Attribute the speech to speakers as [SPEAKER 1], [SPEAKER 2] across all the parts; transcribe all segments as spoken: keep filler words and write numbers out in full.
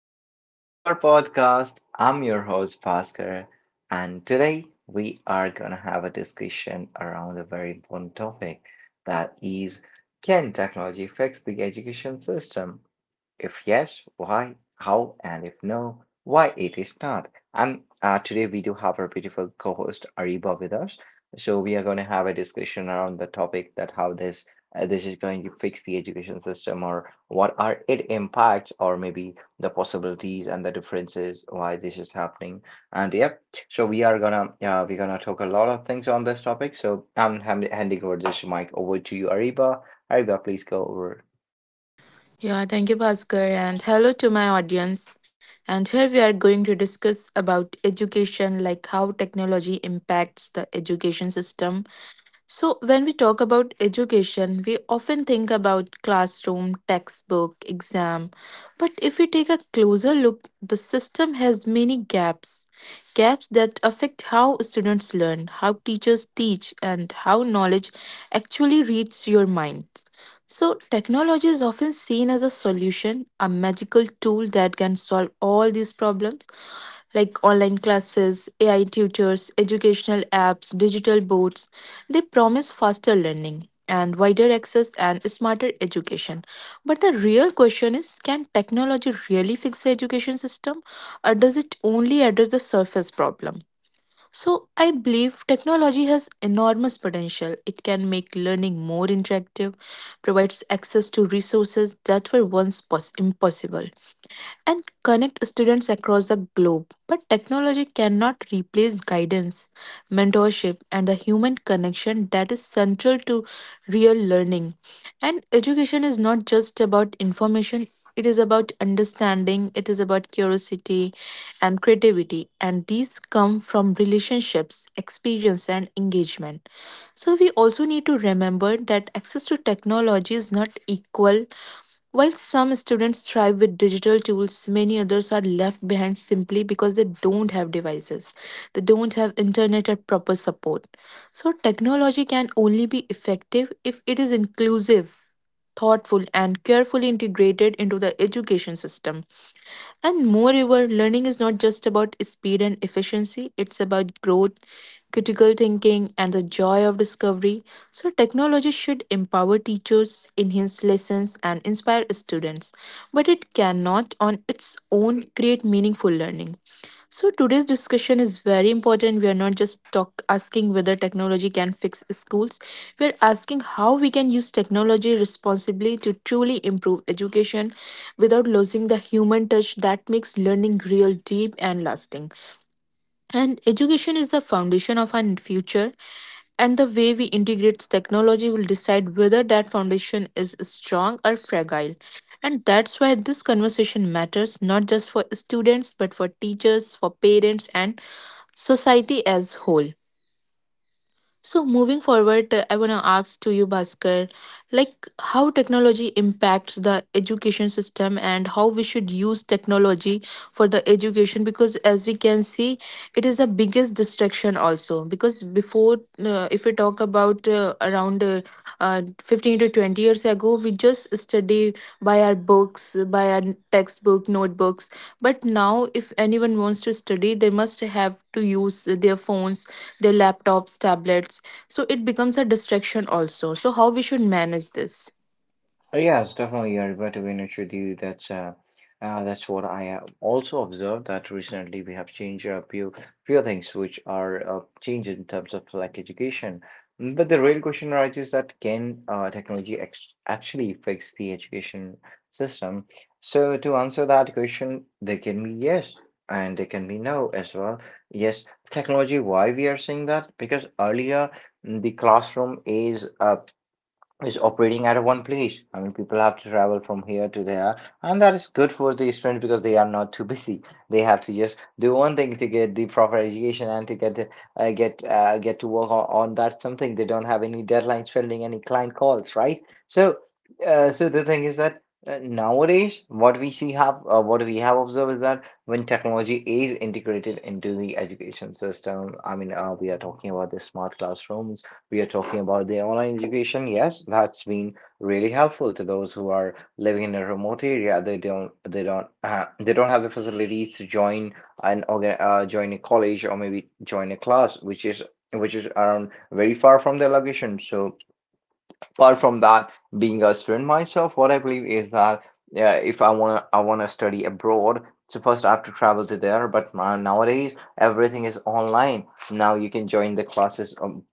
[SPEAKER 1] Welcome to our podcast. I'm your host, Bhaskar, and today we are going to have a discussion around a very important topic, that is, can technology fix the education system? If yes, why, how, and if no, why it is not. And uh, Today we do have our beautiful co-host Ariba with us. So we are going to have a discussion around the topic that how this uh, this is going to fix the education system, or what are its impacts, or maybe the possibilities and the differences why this is happening. And yep, so we are gonna uh, we're gonna talk a lot of things on this topic. So I'm hand handing over this mic over to you, Ariba. Ariba, please go over.
[SPEAKER 2] Yeah, thank you, Bhaskar, and hello to my audience. And here we are going to discuss about education, like how technology impacts the education system. So, when we talk about education, we often think about classroom, textbook, exam. But if we take a closer look, the system has many gaps. Gaps that affect how students learn, how teachers teach, and how knowledge actually reaches your mind. So, technology is often seen as a solution, a magical tool that can solve all these problems like online classes, A I tutors, educational apps, digital boards. They promise faster learning and wider access and smarter education. But the real question is, can technology really fix the education system, or does it only address the surface problem? So, I believe technology has enormous potential. It can make learning more interactive, provides access to resources that were once pos- impossible, and connect students across the globe. But technology cannot replace guidance, mentorship, and the human connection that is central to real learning. And education is not just about information, it is about understanding, it is about curiosity and creativity. And these come from relationships, experience, and engagement. So, we also need to remember that access to technology is not equal. While some students thrive with digital tools, many others are left behind simply because they don't have devices. They don't have internet or proper support. So, technology can only be effective if it is inclusive, thoughtful, and carefully integrated into the education system. And moreover, learning is not just about speed and efficiency, it's about growth, critical thinking, and the joy of discovery. So, technology should empower teachers, enhance lessons, and inspire students, but it cannot on its own create meaningful learning. So, today's discussion is very important. We are not just talk, asking whether technology can fix schools, we are asking how we can use technology responsibly to truly improve education without losing the human touch that makes learning real, deep, and lasting. And education is the foundation of our future, and the way we integrate technology will decide whether that foundation is strong or fragile. And that's why this conversation matters, not just for students but for teachers, for parents, and society as whole. So moving forward, uh, I want to ask to you, Bhaskar, like how technology impacts the education system and how we should use technology for the education. Because as we can see, it is the biggest distraction also. Because before, uh, if we talk about uh, around uh, uh, fifteen to twenty years ago, we just study by our books, by our textbook, notebooks, but now if anyone wants to study, they must have to use their phones, their laptops, tablets. So it becomes a distraction also. So how we should manage this?
[SPEAKER 1] Uh, Yes, definitely, I bet we need with you. that's uh, uh, that's what I have also observed, that recently we have changed a few few things which are uh, changed in terms of like education. Mm, But the real question arises, that can uh, technology ex actually fix the education system? So to answer that question, they can be yes and they can be no as well. Yes, technology, why we are saying that? Because earlier mm, the classroom is uh, is operating at one place. I mean, people have to travel from here to there, and that is good for the students because they are not too busy. They have to just do one thing to get the proper education and to get the- uh, get uh, get to work on, on that something. They don't have any deadlines pending, any client calls, right? So, uh, so the thing is that. Uh, nowadays, what we see have uh, what we have observed is that when technology is integrated into the education system. I mean, uh, we are talking about the smart classrooms, we are talking about the online education. Yes, that's been really helpful to those who are living in a remote area. They don't, they don't, uh, they don't have the facilities to join an organ, uh, join a college or maybe join a class, which is which is around very far from their location. So apart from that, being a student myself, what I believe is that, yeah, if I wanna I wanna study abroad, so first I have to travel to there. But ma- nowadays everything is online. Now you can join the classes um,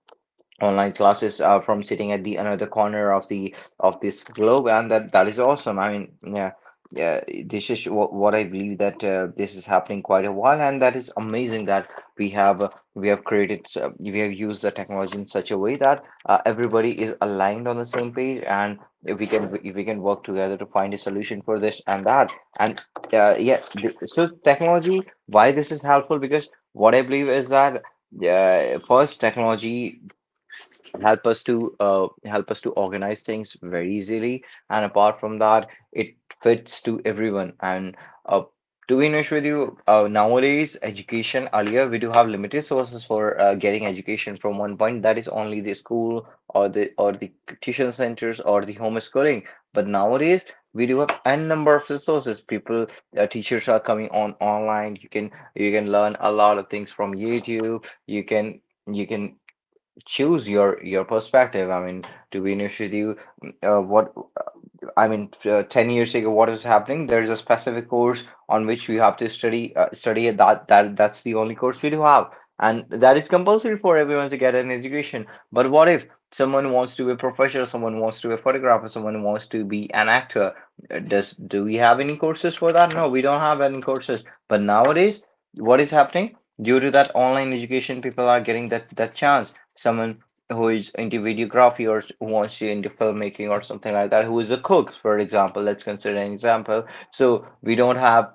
[SPEAKER 1] online classes uh, from sitting at the another corner of the of this globe, and that that is awesome. I mean, yeah, yeah, this is what, what I believe, that uh, this is happening quite a while, and that is amazing that we have uh, we have created s- uh, we have used the technology in such a way that uh, everybody is aligned on the same page, and if we can if we can work together to find a solution for this and that. And uh, yeah th- so technology, why this is helpful? Because what I believe is that uh, first technology help us to uh, help us to organize things very easily. And apart from that, it fits to everyone. And uh, to be honest with you, uh, nowadays education, earlier we do have limited sources for uh, getting education from one point, that is only the school or the or the tuition centers or the homeschooling. But nowadays we do have n number of resources. People, uh, teachers are coming on online. You can you can learn a lot of things from YouTube. You can you can choose your your perspective. I mean, to be honest with you, uh, what I mean uh, ten years ago, what is happening, there is a specific course on which we have to study uh, study it. that that that's the only course we do have, and that is compulsory for everyone to get an education. But what if someone wants to be a professional, someone wants to be a photographer, someone wants to be an actor? Uh, does Do we have any courses for that? No, we don't have any courses. But nowadays, what is happening, due to that online education people are getting that that chance. Someone who is into videography, or s- who wants to into filmmaking or something like that, who is a cook, for example. Let's consider an example. So we don't have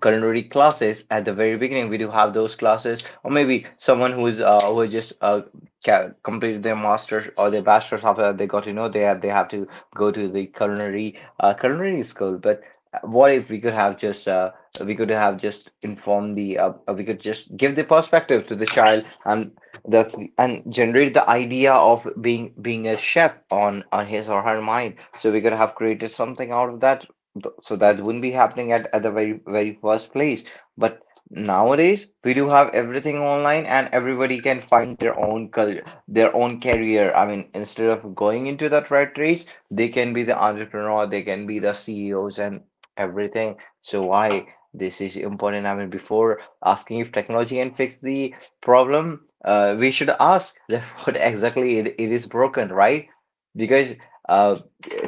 [SPEAKER 1] culinary classes at the very beginning. We do have those classes, or maybe someone who is uh, who just uh, ca- completed their master's or their bachelor's, after they got to know they have, they have to go to the culinary uh, culinary school. But uh, What if we could have just uh, we could have just informed the uh, uh, we could just give the perspective to the child, and that's and generate the idea of being being a chef on on his or her mind, so we could have created something out of that. Th- So that wouldn't be happening at, at the very very first place. But nowadays we do have everything online and everybody can find their own career, their own career. I mean, instead of going into that rat race, they can be the entrepreneur, they can be the C E Os and everything. So why this is important? I mean, before asking if technology can fix the problem, uh, we should ask that what exactly it, it is broken, right? Because uh,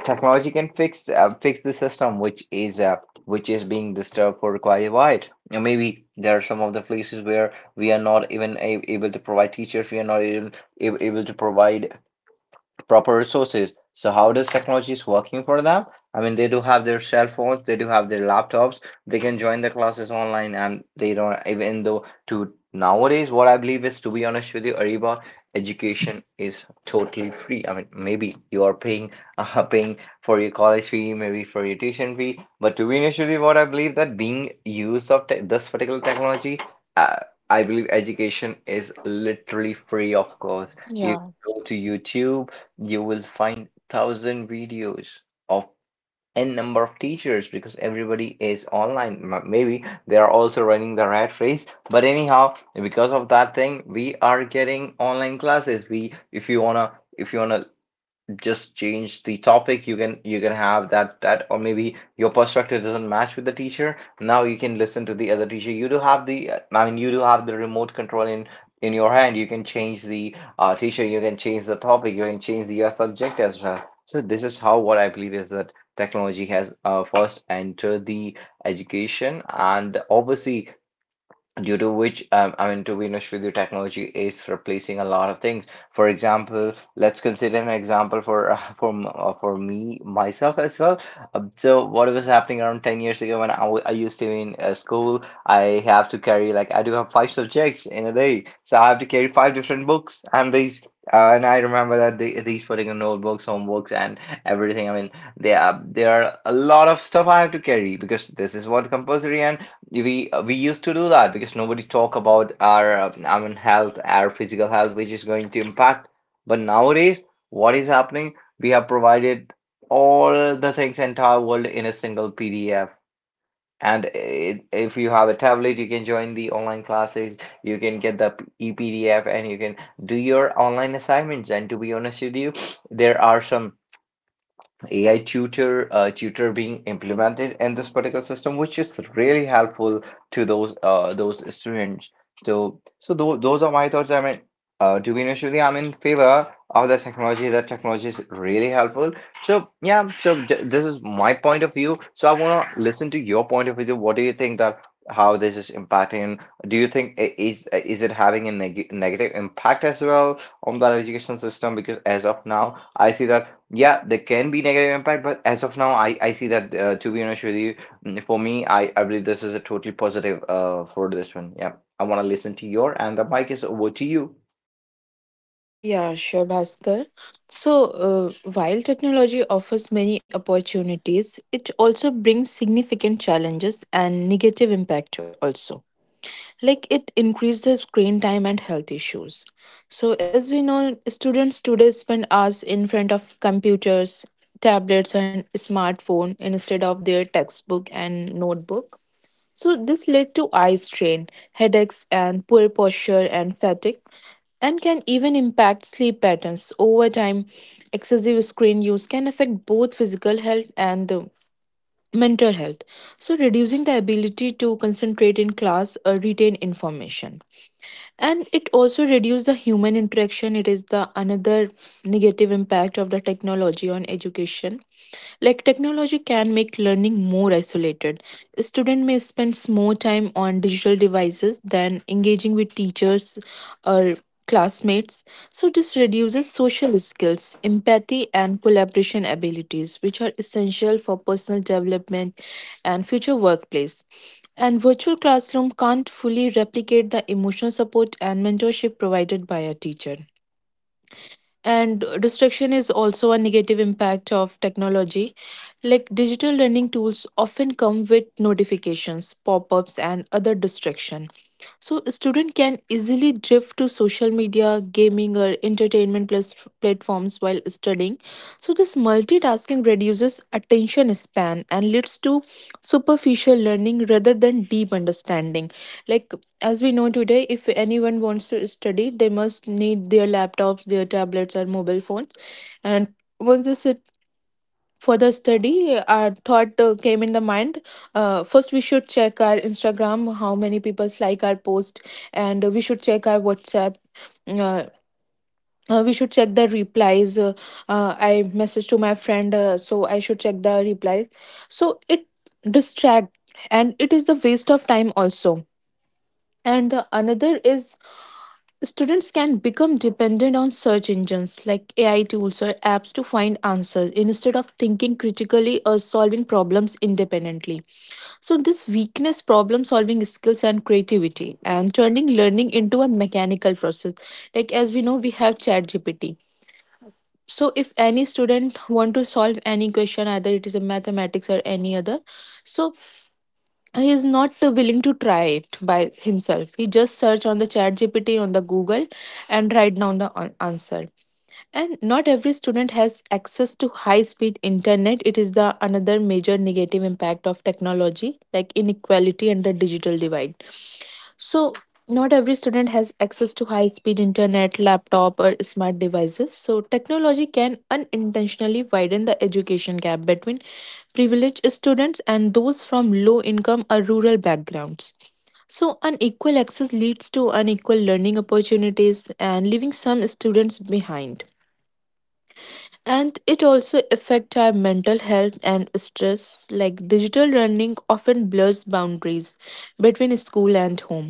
[SPEAKER 1] technology can fix uh, fix the system which is uh, which is being disturbed for quite a while. And maybe there are some of the places where we are not even a- able to provide teachers, we are not even a- able to provide proper resources. So how does technology is working for them? I mean, they do have their cell phones, they do have their laptops, they can join the classes online, and they don't even though to nowadays, what I believe is, to be honest with you, Ariba, education is totally free. I mean, maybe you are paying uh, paying for your college fee, maybe for your tuition fee, but to be honest with you, what I believe that being used of te this particular technology, uh, I believe education is literally free of course. You
[SPEAKER 2] Yeah,
[SPEAKER 1] go to YouTube, you will find thousand videos of n number of teachers, because everybody is online. Maybe they are also running the rat race, but anyhow, because of that thing we are getting online classes. We If you wanna if you wanna just change the topic, you can, you can have that that. Or maybe your perspective doesn't match with the teacher, now you can listen to the other teacher. You do have the uh, I mean, you do have the remote control in in your hand. You can change the uh, teacher, you can change the topic, you can change the uh, subject as well. So this is how, what I believe is that technology has uh, first entered the education. And obviously, due to which, um, I mean, to be honest with you, technology is replacing a lot of things. For example, let's consider an example for uh, for m- uh, for me myself as well. Um, so what was happening around ten years ago, when I, w- I used to be in uh, school, I have to carry, like, I do have five subjects in a day, so I have to carry five different books and these. Uh, and I remember that they, these putting in notebooks, homeworks, and everything. I mean, there are, there are a lot of stuff I have to carry, because this is what compulsory. And we uh, we used to do that because nobody talk about our uh, I mean health, our physical health, which is going to impact. But nowadays, what is happening? We have provided all the things, entire world, in a single P D F. And it, if you have a tablet, you can join the online classes. You can get the e P D F, and you can do your online assignments. And to be honest with you, there are some A I tutor uh, tutor being implemented in this particular system, which is really helpful to those uh, those students. So so tho- those are my thoughts. I mean, uh, to be honest with you, I'm in favor of the technology. That technology is really helpful. So yeah, so j this is my point of view. So I wanna listen to your point of view. What do you think, that how this is impacting? Do you think i- is is it having a neg negative impact as well on the education system? Because as of now, I see that, yeah, there can be negative impact, but as of now, I, I see that, uh, to be honest with you, mm, for me, I, I believe this is a totally positive uh for this one. Yeah, I want to listen to your and the mic is over to you.
[SPEAKER 2] yeah, sure, Bhaskar. So, uh, while technology offers many opportunities, it also brings significant challenges and negative impact also. Like it increased the screen time and health issues. So as we know, students today spend hours in front of computers, tablets, and smartphone instead of their textbook and notebook. So this led to eye strain, headaches and poor posture and fatigue, and can even impact sleep patterns over time. Excessive screen use can affect both physical health and uh, mental health, so reducing the ability to concentrate in class or retain information. And it also reduces the human interaction. It is the another negative impact of the technology on education. Like technology can make learning more isolated. A student may spend more time on digital devices than engaging with teachers or classmates. So, this reduces social skills, empathy, and collaboration abilities, which are essential for personal development and future workplace. And virtual classroom can't fully replicate the emotional support and mentorship provided by a teacher. And distraction is also a negative impact of technology. Like digital learning tools often come with notifications, pop-ups, and other distraction. So a student can easily drift to social media, gaming, or entertainment plus platforms while studying. So this multitasking reduces attention span and leads to superficial learning rather than deep understanding. Like, as we know today, if anyone wants to study, they must need their laptops, their tablets, or mobile phones. And once this it for the study, our thought uh, came in the mind. Uh, first, we should check our Instagram, how many people like our post, and we should check our WhatsApp. Uh, uh, we should check the replies. Uh, uh, I message to my friend, uh, so I should check the replies. So it distract, and it is the waste of time also. And the another is, students can become dependent on search engines like A I tools or apps to find answers instead of thinking critically or solving problems independently. So, this weakness problem solving skills and creativity and turning learning into a mechanical process. Like, as we know, we have ChatGPT. So, if any student want to solve any question, either it is a mathematics or any other, so he is not uh, willing to try it by himself. He just search on the chat gpt, on the google, and write down the an- answer. And not every student has access to high speed internet. It is the another major negative impact of technology, like inequality and the digital divide. So, not every student has access to high speed internet, laptop, or smart devices. So, technology can unintentionally widen the education gap between privileged students and those from low income or rural backgrounds. So, unequal access leads to unequal learning opportunities and leaving some students behind. And it also affects our mental health and stress. Like digital learning often blurs boundaries between school and home.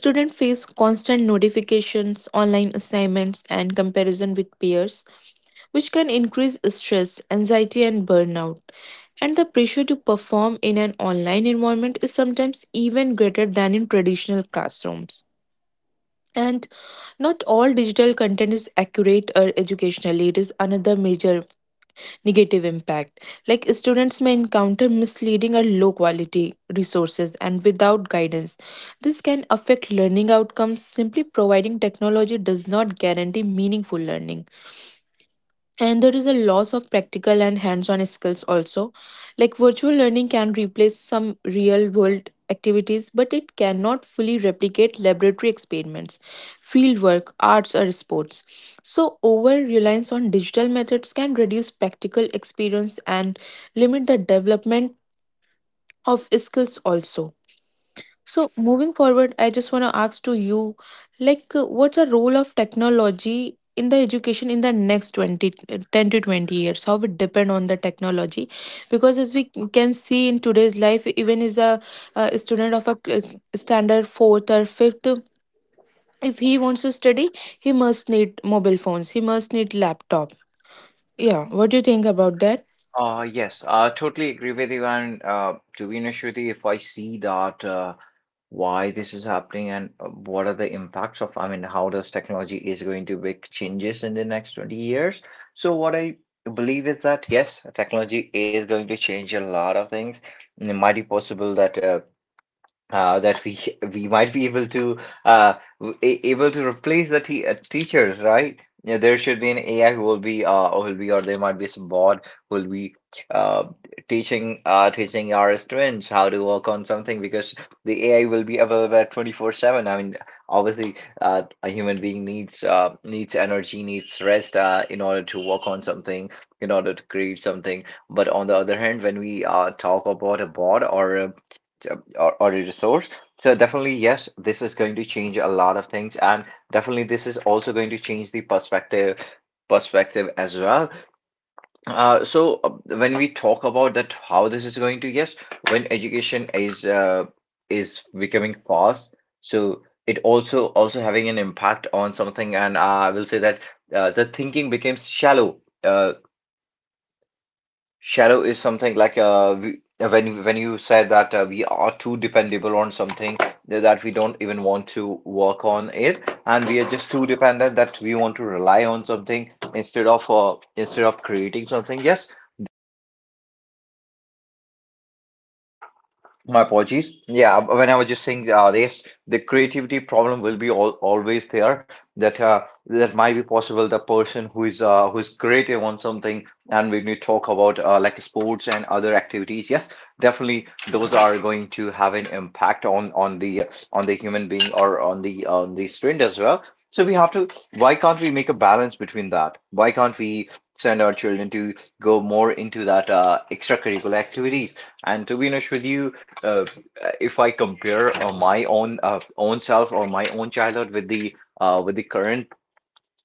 [SPEAKER 2] Students face constant notifications, online assignments, and comparison with peers, which can increase stress, anxiety, and burnout. And the pressure to perform in an online environment is sometimes even greater than in traditional classrooms. And not all digital content is accurate or educational. It is another major negative impact. Like students may encounter misleading or low quality resources, and without guidance, this can affect learning outcomes. Simply providing technology does not guarantee meaningful learning. And there is a loss of practical and hands-on skills also. Like virtual learning can replace some real world activities, but it cannot fully replicate laboratory experiments, field work, arts, or sports. So over reliance on digital methods can reduce practical experience and limit the development of skills also. So moving forward, I just want to ask to you, like, uh, what's the role of technology in the education in the next twenty, uh, ten to twenty years? How it depend on the technology? Because as we can see in today's life, even is a, uh student of a cl- standard fourth or fifth, if he wants to study, he must need mobile phones. He must need laptop. Yeah, what do you think about that?
[SPEAKER 1] Uh, yes, I totally agree with you. And uh, to be honest with you, if I see that uh, why this is happening and uh, what are the impacts of, I mean, how does technology is going to make changes in the next twenty years? So what I believe is that yes, technology is going to change a lot of things. And it might be possible that uh, uh, that we we might be able to uh, w- a- able to replace the te uh, teachers, right? Yeah, there should be an A I who will be uh who will be, or there might be some bot who will be uh teaching uh teaching our students how to work on something because the A I will be available twenty-four seven. I mean, obviously, uh, a human being needs uh needs energy, needs rest uh in order to work on something, in order to create something. But on the other hand, when we uh talk about a bot or a so, or, or a resource. So definitely, yes, this is going to change a lot of things, and definitely this is also going to change the perspective perspective as well. Uh, so uh, when we talk about that, how this is going to, yes, when education is uh, is becoming fast, so it also also having an impact on something, and uh, I will say that uh, the thinking becomes shallow. Uh, Shallow is something like uh, we, uh, when when you said that uh, we are too dependable on something that we don't even want to work on it, and we are just too dependent that we want to rely on something instead of uh, instead of creating something. Yes, my apologies. Yeah, when I was just saying uh, race, the creativity problem will be all, always there. That uh, that might be possible. The person who is uh, who is creative on something, and when we talk about uh, like sports and other activities, yes, definitely those are going to have an impact on on the on the human being or on the on the student as well. So we have to. Why can't we make a balance between that? Why can't we send our children to go more into that uh, extracurricular activities? And to be honest with you, uh, if I compare uh, my own uh, own self or my own childhood with the uh, with the current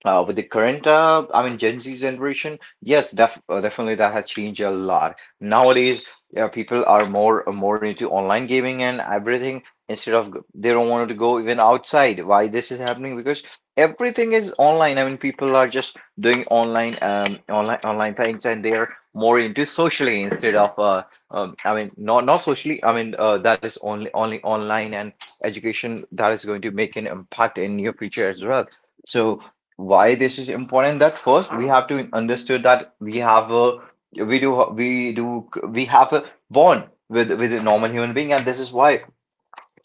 [SPEAKER 1] uh, with the current, uh, I mean, Gen Z generation, yes, def uh, definitely that has changed a lot. Nowadays, yeah, people are more uh, more into online gaming and everything instead of g- they don't want to go even outside. Why this is happening? Because everything is online. I mean, people are just doing online, um, online, online things, and they are more into socially instead of, uh, um, I mean, not not socially. I mean, uh, that is only only online and education that is going to make an impact in your future as well. So why this is important that first we have to understand that we have a we do we do we have a bond with with a normal human being, and this is why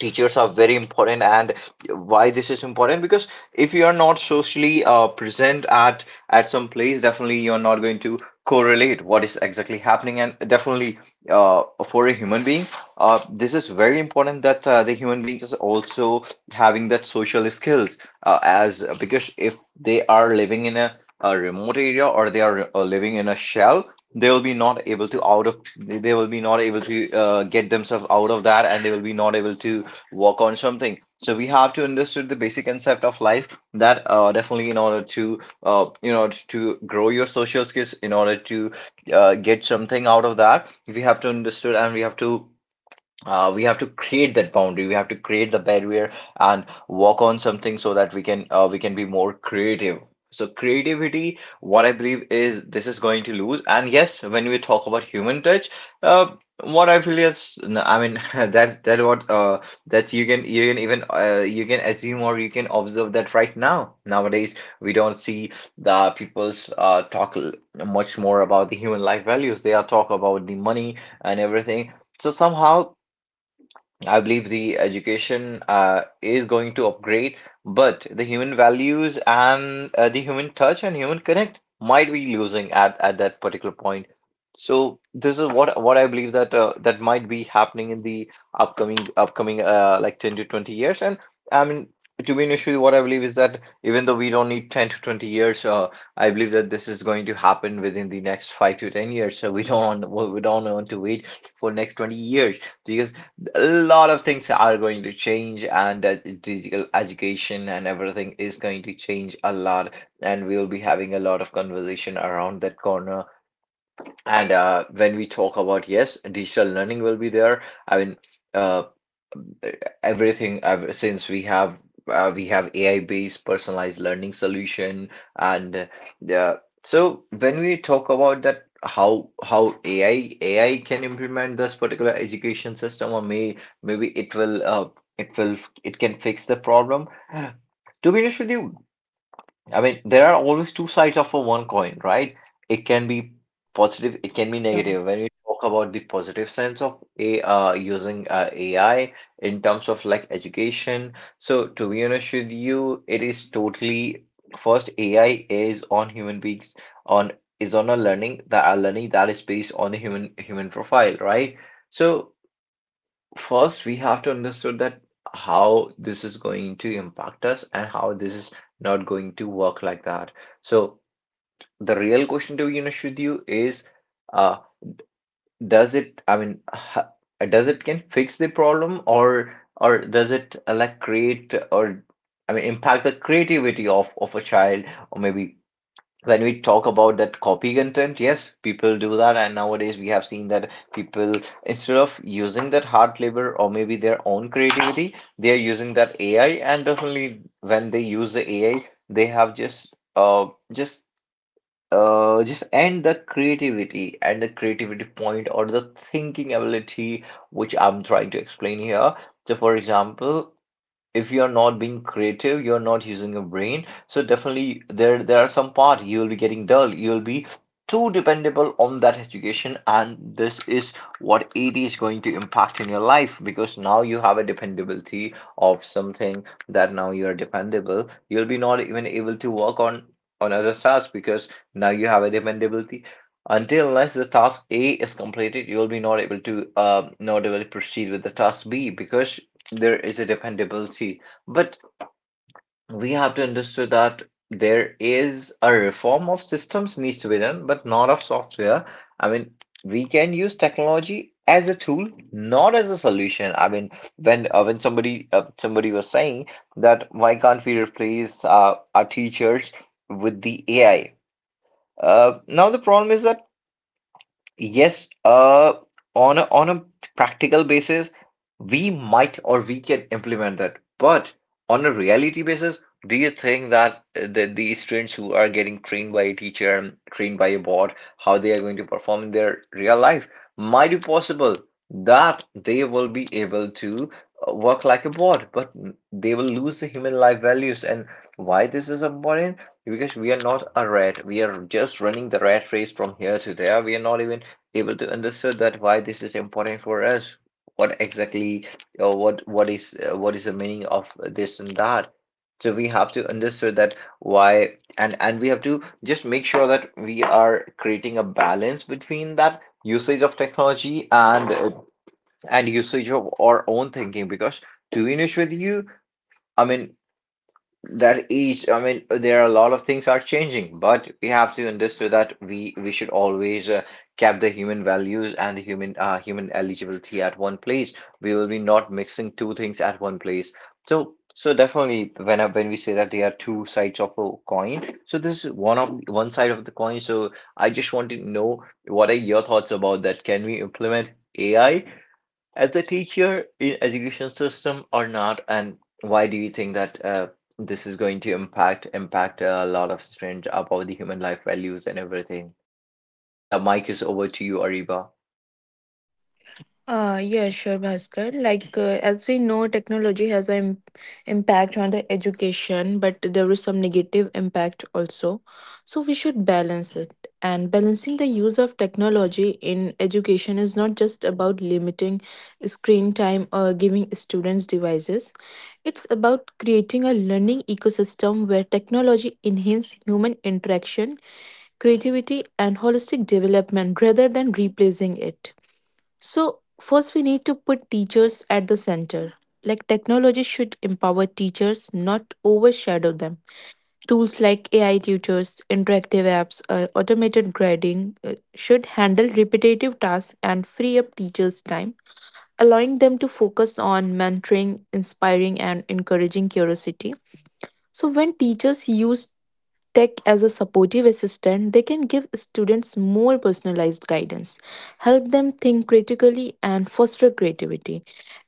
[SPEAKER 1] teachers are very important. And why this is important? Because if you are not socially uh, present at at some place, definitely you're not going to correlate what is exactly happening. And definitely uh, for a human being, uh, this is very important that uh, the human being is also having that social skills, uh, as uh, because if they are living in a, a remote area, or they are uh, living in a shell, they will be not able to out of they they will be not able to uh, get themselves out of that, and they will be not able to work on something. So we have to understand the basic concept of life, that uh, definitely in order to uh, in order to grow your social skills, in order to uh, get something out of that, we have to understand, and we have to uh, we have to create that boundary. We have to create the barrier and work on something so that we can uh, we can be more creative. So creativity, what I believe is this is going to lose. And yes, when we talk about human touch, uh, what I feel is, no, I mean that that what uh, that you can you can even uh, you can assume, or you can observe that right now nowadays we don't see the people's uh, talk l- much more about the human life values. They are talk about the money and everything. So somehow I believe the education uh, is going to upgrade, but the human values and uh, the human touch and human connect might be losing at, at that particular point. So this is what what I believe that uh, that might be happening in the upcoming upcoming uh, like ten to twenty years. And I mean, to be honest with you, what I believe is that even though we don't need ten to twenty years, uh, I believe that this is going to happen within the next five to ten years. So we don't we don't want to wait for next twenty years, because a lot of things are going to change, and uh, digital education and everything is going to change a lot, and we will be having a lot of conversation around that corner. And uh, when we talk about, yes, digital learning will be there. I mean, uh, everything ever since we have uh, we have A I based personalized learning solution. And uh, so when we talk about that, how how A I A I can implement this particular education system, or may maybe it will uh, it will it can fix the problem. To be honest with you, I mean, there are always two sides of a one coin, right? It can be positive, it can be
[SPEAKER 2] Yeah.
[SPEAKER 1] negative. When we talk about the positive sense of a uh, using uh, A I in terms of like education, so to be honest with you, it is totally first A I is on human beings, on, is on a learning that a learning that is based on the human human profile, right? So. First, we have to understand that how this is going to impact us, and how this is not going to work like that. So the real question, to be honest with you, is, uh, does it, I mean, ha- does it can fix the problem, or or does it uh, like create, or I mean impact the creativity of of a child, or maybe when we talk about that copy content, yes, people do that. And nowadays we have seen that people, instead of using that hard labor or maybe their own creativity, they are using that A I. And definitely when they use the A I, they have just uh just uh just end the creativity and the creativity point, or the thinking ability, which I'm trying to explain here. So for example, if you're not being creative, you're not using your brain. So definitely there there are some part you will be getting dull. You'll be too dependable on that education, and this is what it is going to impact in your life, because now you have a dependability of something, that now you're dependable. You'll be not even able to work on on other tasks because now you have a dependability. Until unless the task A is completed, you will be not able to um, not able to proceed with the task B, because there is a dependability. But we have to understand that there is a reform of systems needs to be done, but not of software. I mean, we can use technology as a tool, not as a solution. I mean, when uh, when somebody uh, somebody was saying that why can't we replace uh, our teachers with the A I? Uh, now the problem is that, yes, uh, on a, on a practical basis, we might or we can implement that. But on a reality basis, do you think that uh, the, the students who are getting trained by a teacher, and trained by a board, how they are going to perform in their real life? Might be possible that they will be able to uh, work like a board, but they will lose the human life values. And why this is important? Because we are not a rat, we are just running the rat race from here to there. We are not even able to understand that why this is important for us, what exactly, or what what is uh, what is the meaning of this and that. So we have to understand that why, and and we have to just make sure that we are creating a balance between that usage of technology and uh, and usage of our own thinking. Because to be honest with you, I mean that is, I mean, there are a lot of things are changing, but we have to understand that we we should always uh, keep the human values and the human uh, human eligibility at one place. We will be not mixing two things at one place. So so definitely, when I, when we say that there are two sides of a coin, so this is one of one side of the coin. So I just want to know what are your thoughts about that? Can we implement A I as a teacher in education system or not, and why do you think that uh, this is going to impact impact a lot of students about the human life values and everything? The mic is over to you, Ariba.
[SPEAKER 2] Uh, yeah, sure, Bhaskar. Like, uh, as we know, technology has an im- impact on the education, but there is some negative impact also. So we should balance it. And balancing the use of technology in education is not just about limiting screen time or giving students devices. It's about creating a learning ecosystem where technology enhances human interaction, creativity, and holistic development rather than replacing it. So, first, we need to put teachers at the center. Like, technology should empower teachers, not overshadow them. Tools like A I tutors, interactive apps, or automated grading uh, should handle repetitive tasks and free up teachers' time, allowing them to focus on mentoring, inspiring, and encouraging curiosity. So, when teachers use tech as a supportive assistant, they can give students more personalized guidance, help them think critically, and foster creativity.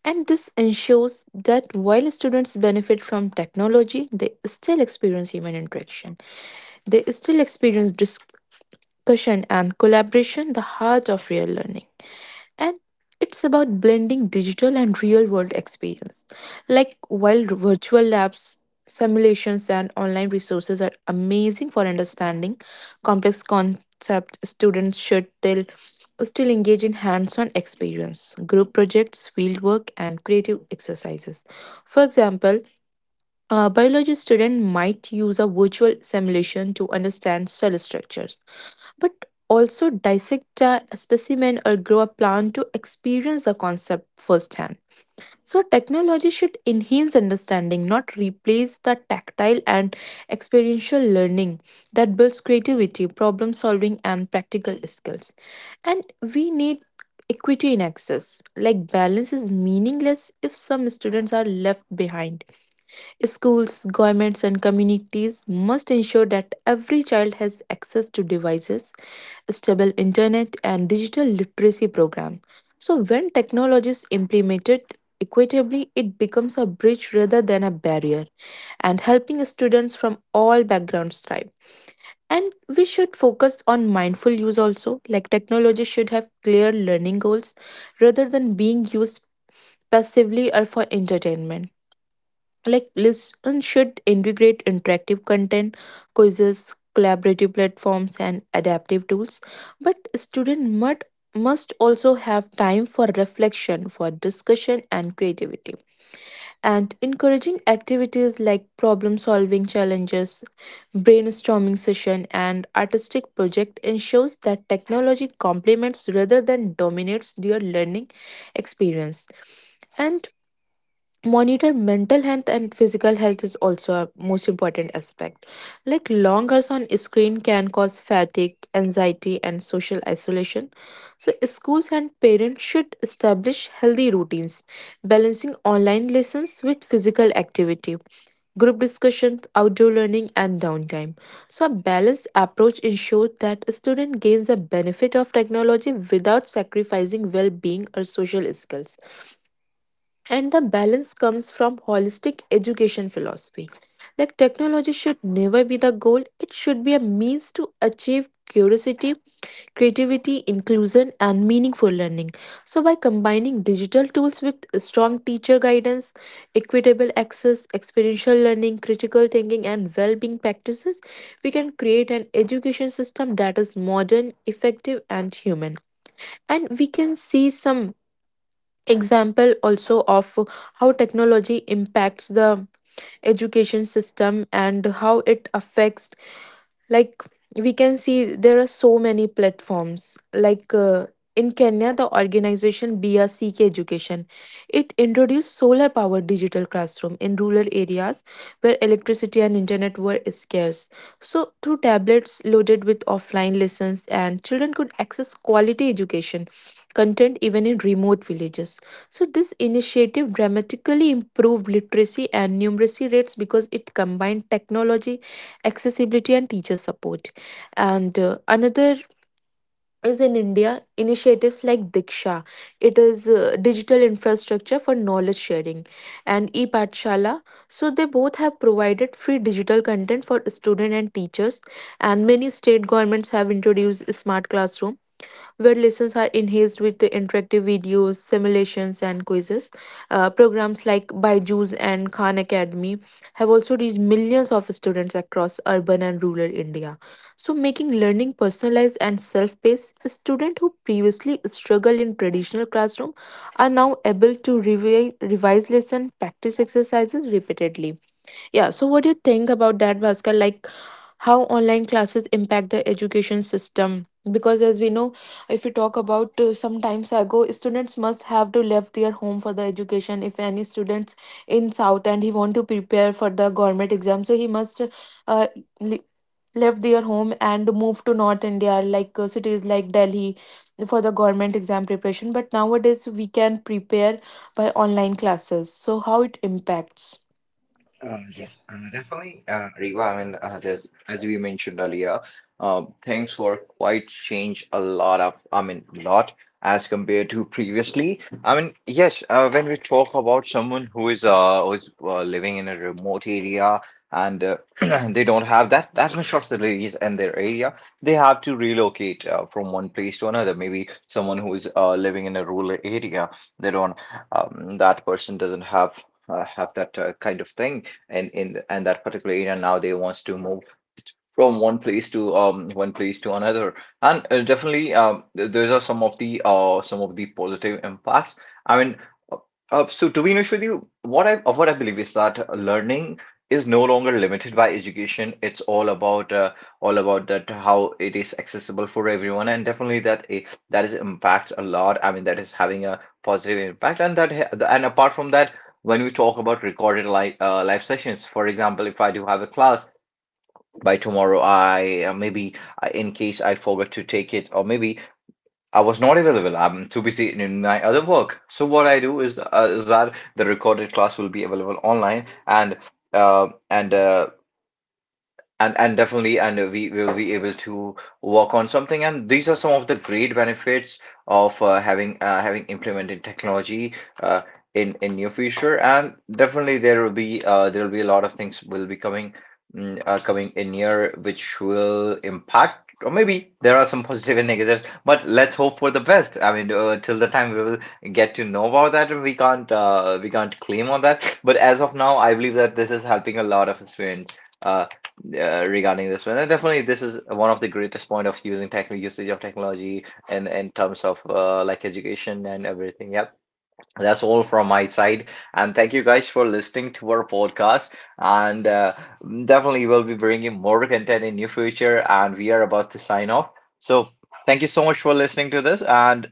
[SPEAKER 2] And this ensures that while students benefit from technology, they still experience human interaction. They still experience discussion and collaboration, the heart of real learning. And it's about blending digital and real world experience. Like while virtual labs, simulations, and online resources are amazing for understanding complex concepts, students should still, still engage in hands on experience, group projects, fieldwork, and creative exercises. For example, a biology student might use a virtual simulation to understand cell structures, but also dissect a specimen or grow a plant to experience the concept firsthand. So, technology should enhance understanding, not replace the tactile and experiential learning that builds creativity, problem solving, and practical skills. And we need equity in access. Like, balance is meaningless if some students are left behind. Schools, governments, and communities must ensure that every child has access to devices, stable internet, and digital literacy program. So, when technology is implemented equitably, it becomes a bridge rather than a barrier, and helping students from all backgrounds thrive. And we should focus on mindful use also. Like technology should have clear learning goals rather than being used passively or for entertainment. Like lessons should integrate interactive content, quizzes, collaborative platforms, and adaptive tools. But students must must also have time for reflection, for discussion and creativity. And encouraging activities like problem solving challenges, brainstorming session, and artistic project ensures that technology complements rather than dominates your learning experience. And monitor mental health and physical health is also a most important aspect. Like long hours on screen can cause fatigue, anxiety, and social isolation. So schools and parents should establish healthy routines, balancing online lessons with physical activity, group discussions, outdoor learning, and downtime. So, a balanced approach ensures that a student gains the benefit of technology without sacrificing well being or social skills. And the balance comes from holistic education philosophy. Like technology should never be the goal, it should be a means to achieve curiosity, creativity, inclusion, and meaningful learning. So by combining digital tools with strong teacher guidance, equitable access, experiential learning, critical thinking, and well-being practices, we can create an education system that is modern, effective, and human. And we can see some example also of how technology impacts the education system and how it affects. Like we can see there are so many platforms like uh, in Kenya, the organization B R C K education, it introduced solar powered digital classroom in rural areas where electricity and internet were scarce. So through tablets loaded with offline lessons and children could access quality education content even in remote villages. So this initiative dramatically improved literacy and numeracy rates because it combined technology, accessibility, and teacher support. And uh, another is in India, initiatives like DIKSHA, it is uh, digital infrastructure for knowledge sharing, and e-Patshala. So they both have provided free digital content for student and teachers. And many state governments have introduced smart classroom where lessons are enhanced with the interactive videos, simulations, and quizzes. Uh, programs like Byju's and Khan Academy have also reached millions of students across urban and rural India. So, making learning personalized and self paced, students who previously struggled in traditional classroom are now able to revi- revise lesson, practice exercises repeatedly. Yeah, so what do you think about that, Bhaskar? Like how online classes impact the education system? Because as we know, if we talk about uh, some times ago, students must have to left their home for the education. If any students in South and he want to prepare for the government exam, so he must uh, le- left their home and move to North India, like uh, cities like Delhi, for the government exam preparation. But nowadays, we can prepare by online classes. So how it impacts?
[SPEAKER 1] Uh, yes, uh, definitely, uh, Riva. I mean, uh, there's, as we mentioned earlier, uh, things were quite changed a lot of, I mean, lot as compared to previously. I mean, yes, uh, when we talk about someone who is uh, who is uh, living in a remote area and uh, they don't have that that much facilities in their area. They have to relocate uh, from one place to another. Maybe someone who is uh, living in a rural area, they don't, um, that person doesn't have uh, have that uh, kind of thing. And in and that particular area, now they wants to move from one place to um one place to another. And uh, definitely, um th- those are some of the uh some of the positive impacts. i mean uh, uh, so to be honest with you, what i uh, what I believe is that learning is no longer limited by education. It's all about uh, all about that how it is accessible for everyone. And definitely that i- that is impacts a lot. I mean, that is having a positive impact. And that ha- and apart from that, when we talk about recorded live uh, live sessions, for example, if I do have a class by tomorrow, I uh, maybe I, in case I forgot to take it, or maybe I was not available, I'm too busy in my other work, so what I do is, uh, is that the recorded class will be available online. And uh, and uh, and and definitely, and we will be able to work on something. And these are some of the great benefits of uh, having uh, having implemented technology uh, in in your future. And definitely, there will be uh, there will be a lot of things will be coming mm, uh, coming in here, which will impact. Or maybe there are some positive and negatives, but let's hope for the best. I mean, uh, till the time we will get to know about that, we can't uh, we can't claim on that. But as of now, I believe that this is helping a lot of students uh, regarding this one. And definitely, this is one of the greatest point of using tech usage of technology in in terms of uh, like education and everything. Yep. That's all from my side, and thank you guys for listening to our podcast. And uh, definitely, we'll be bringing more content in new future. And we are about to sign off. So, thank you so much for listening to this. And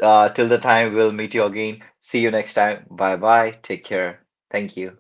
[SPEAKER 1] uh, till the time, we'll meet you again. See you next time. Bye bye. Take care. Thank you.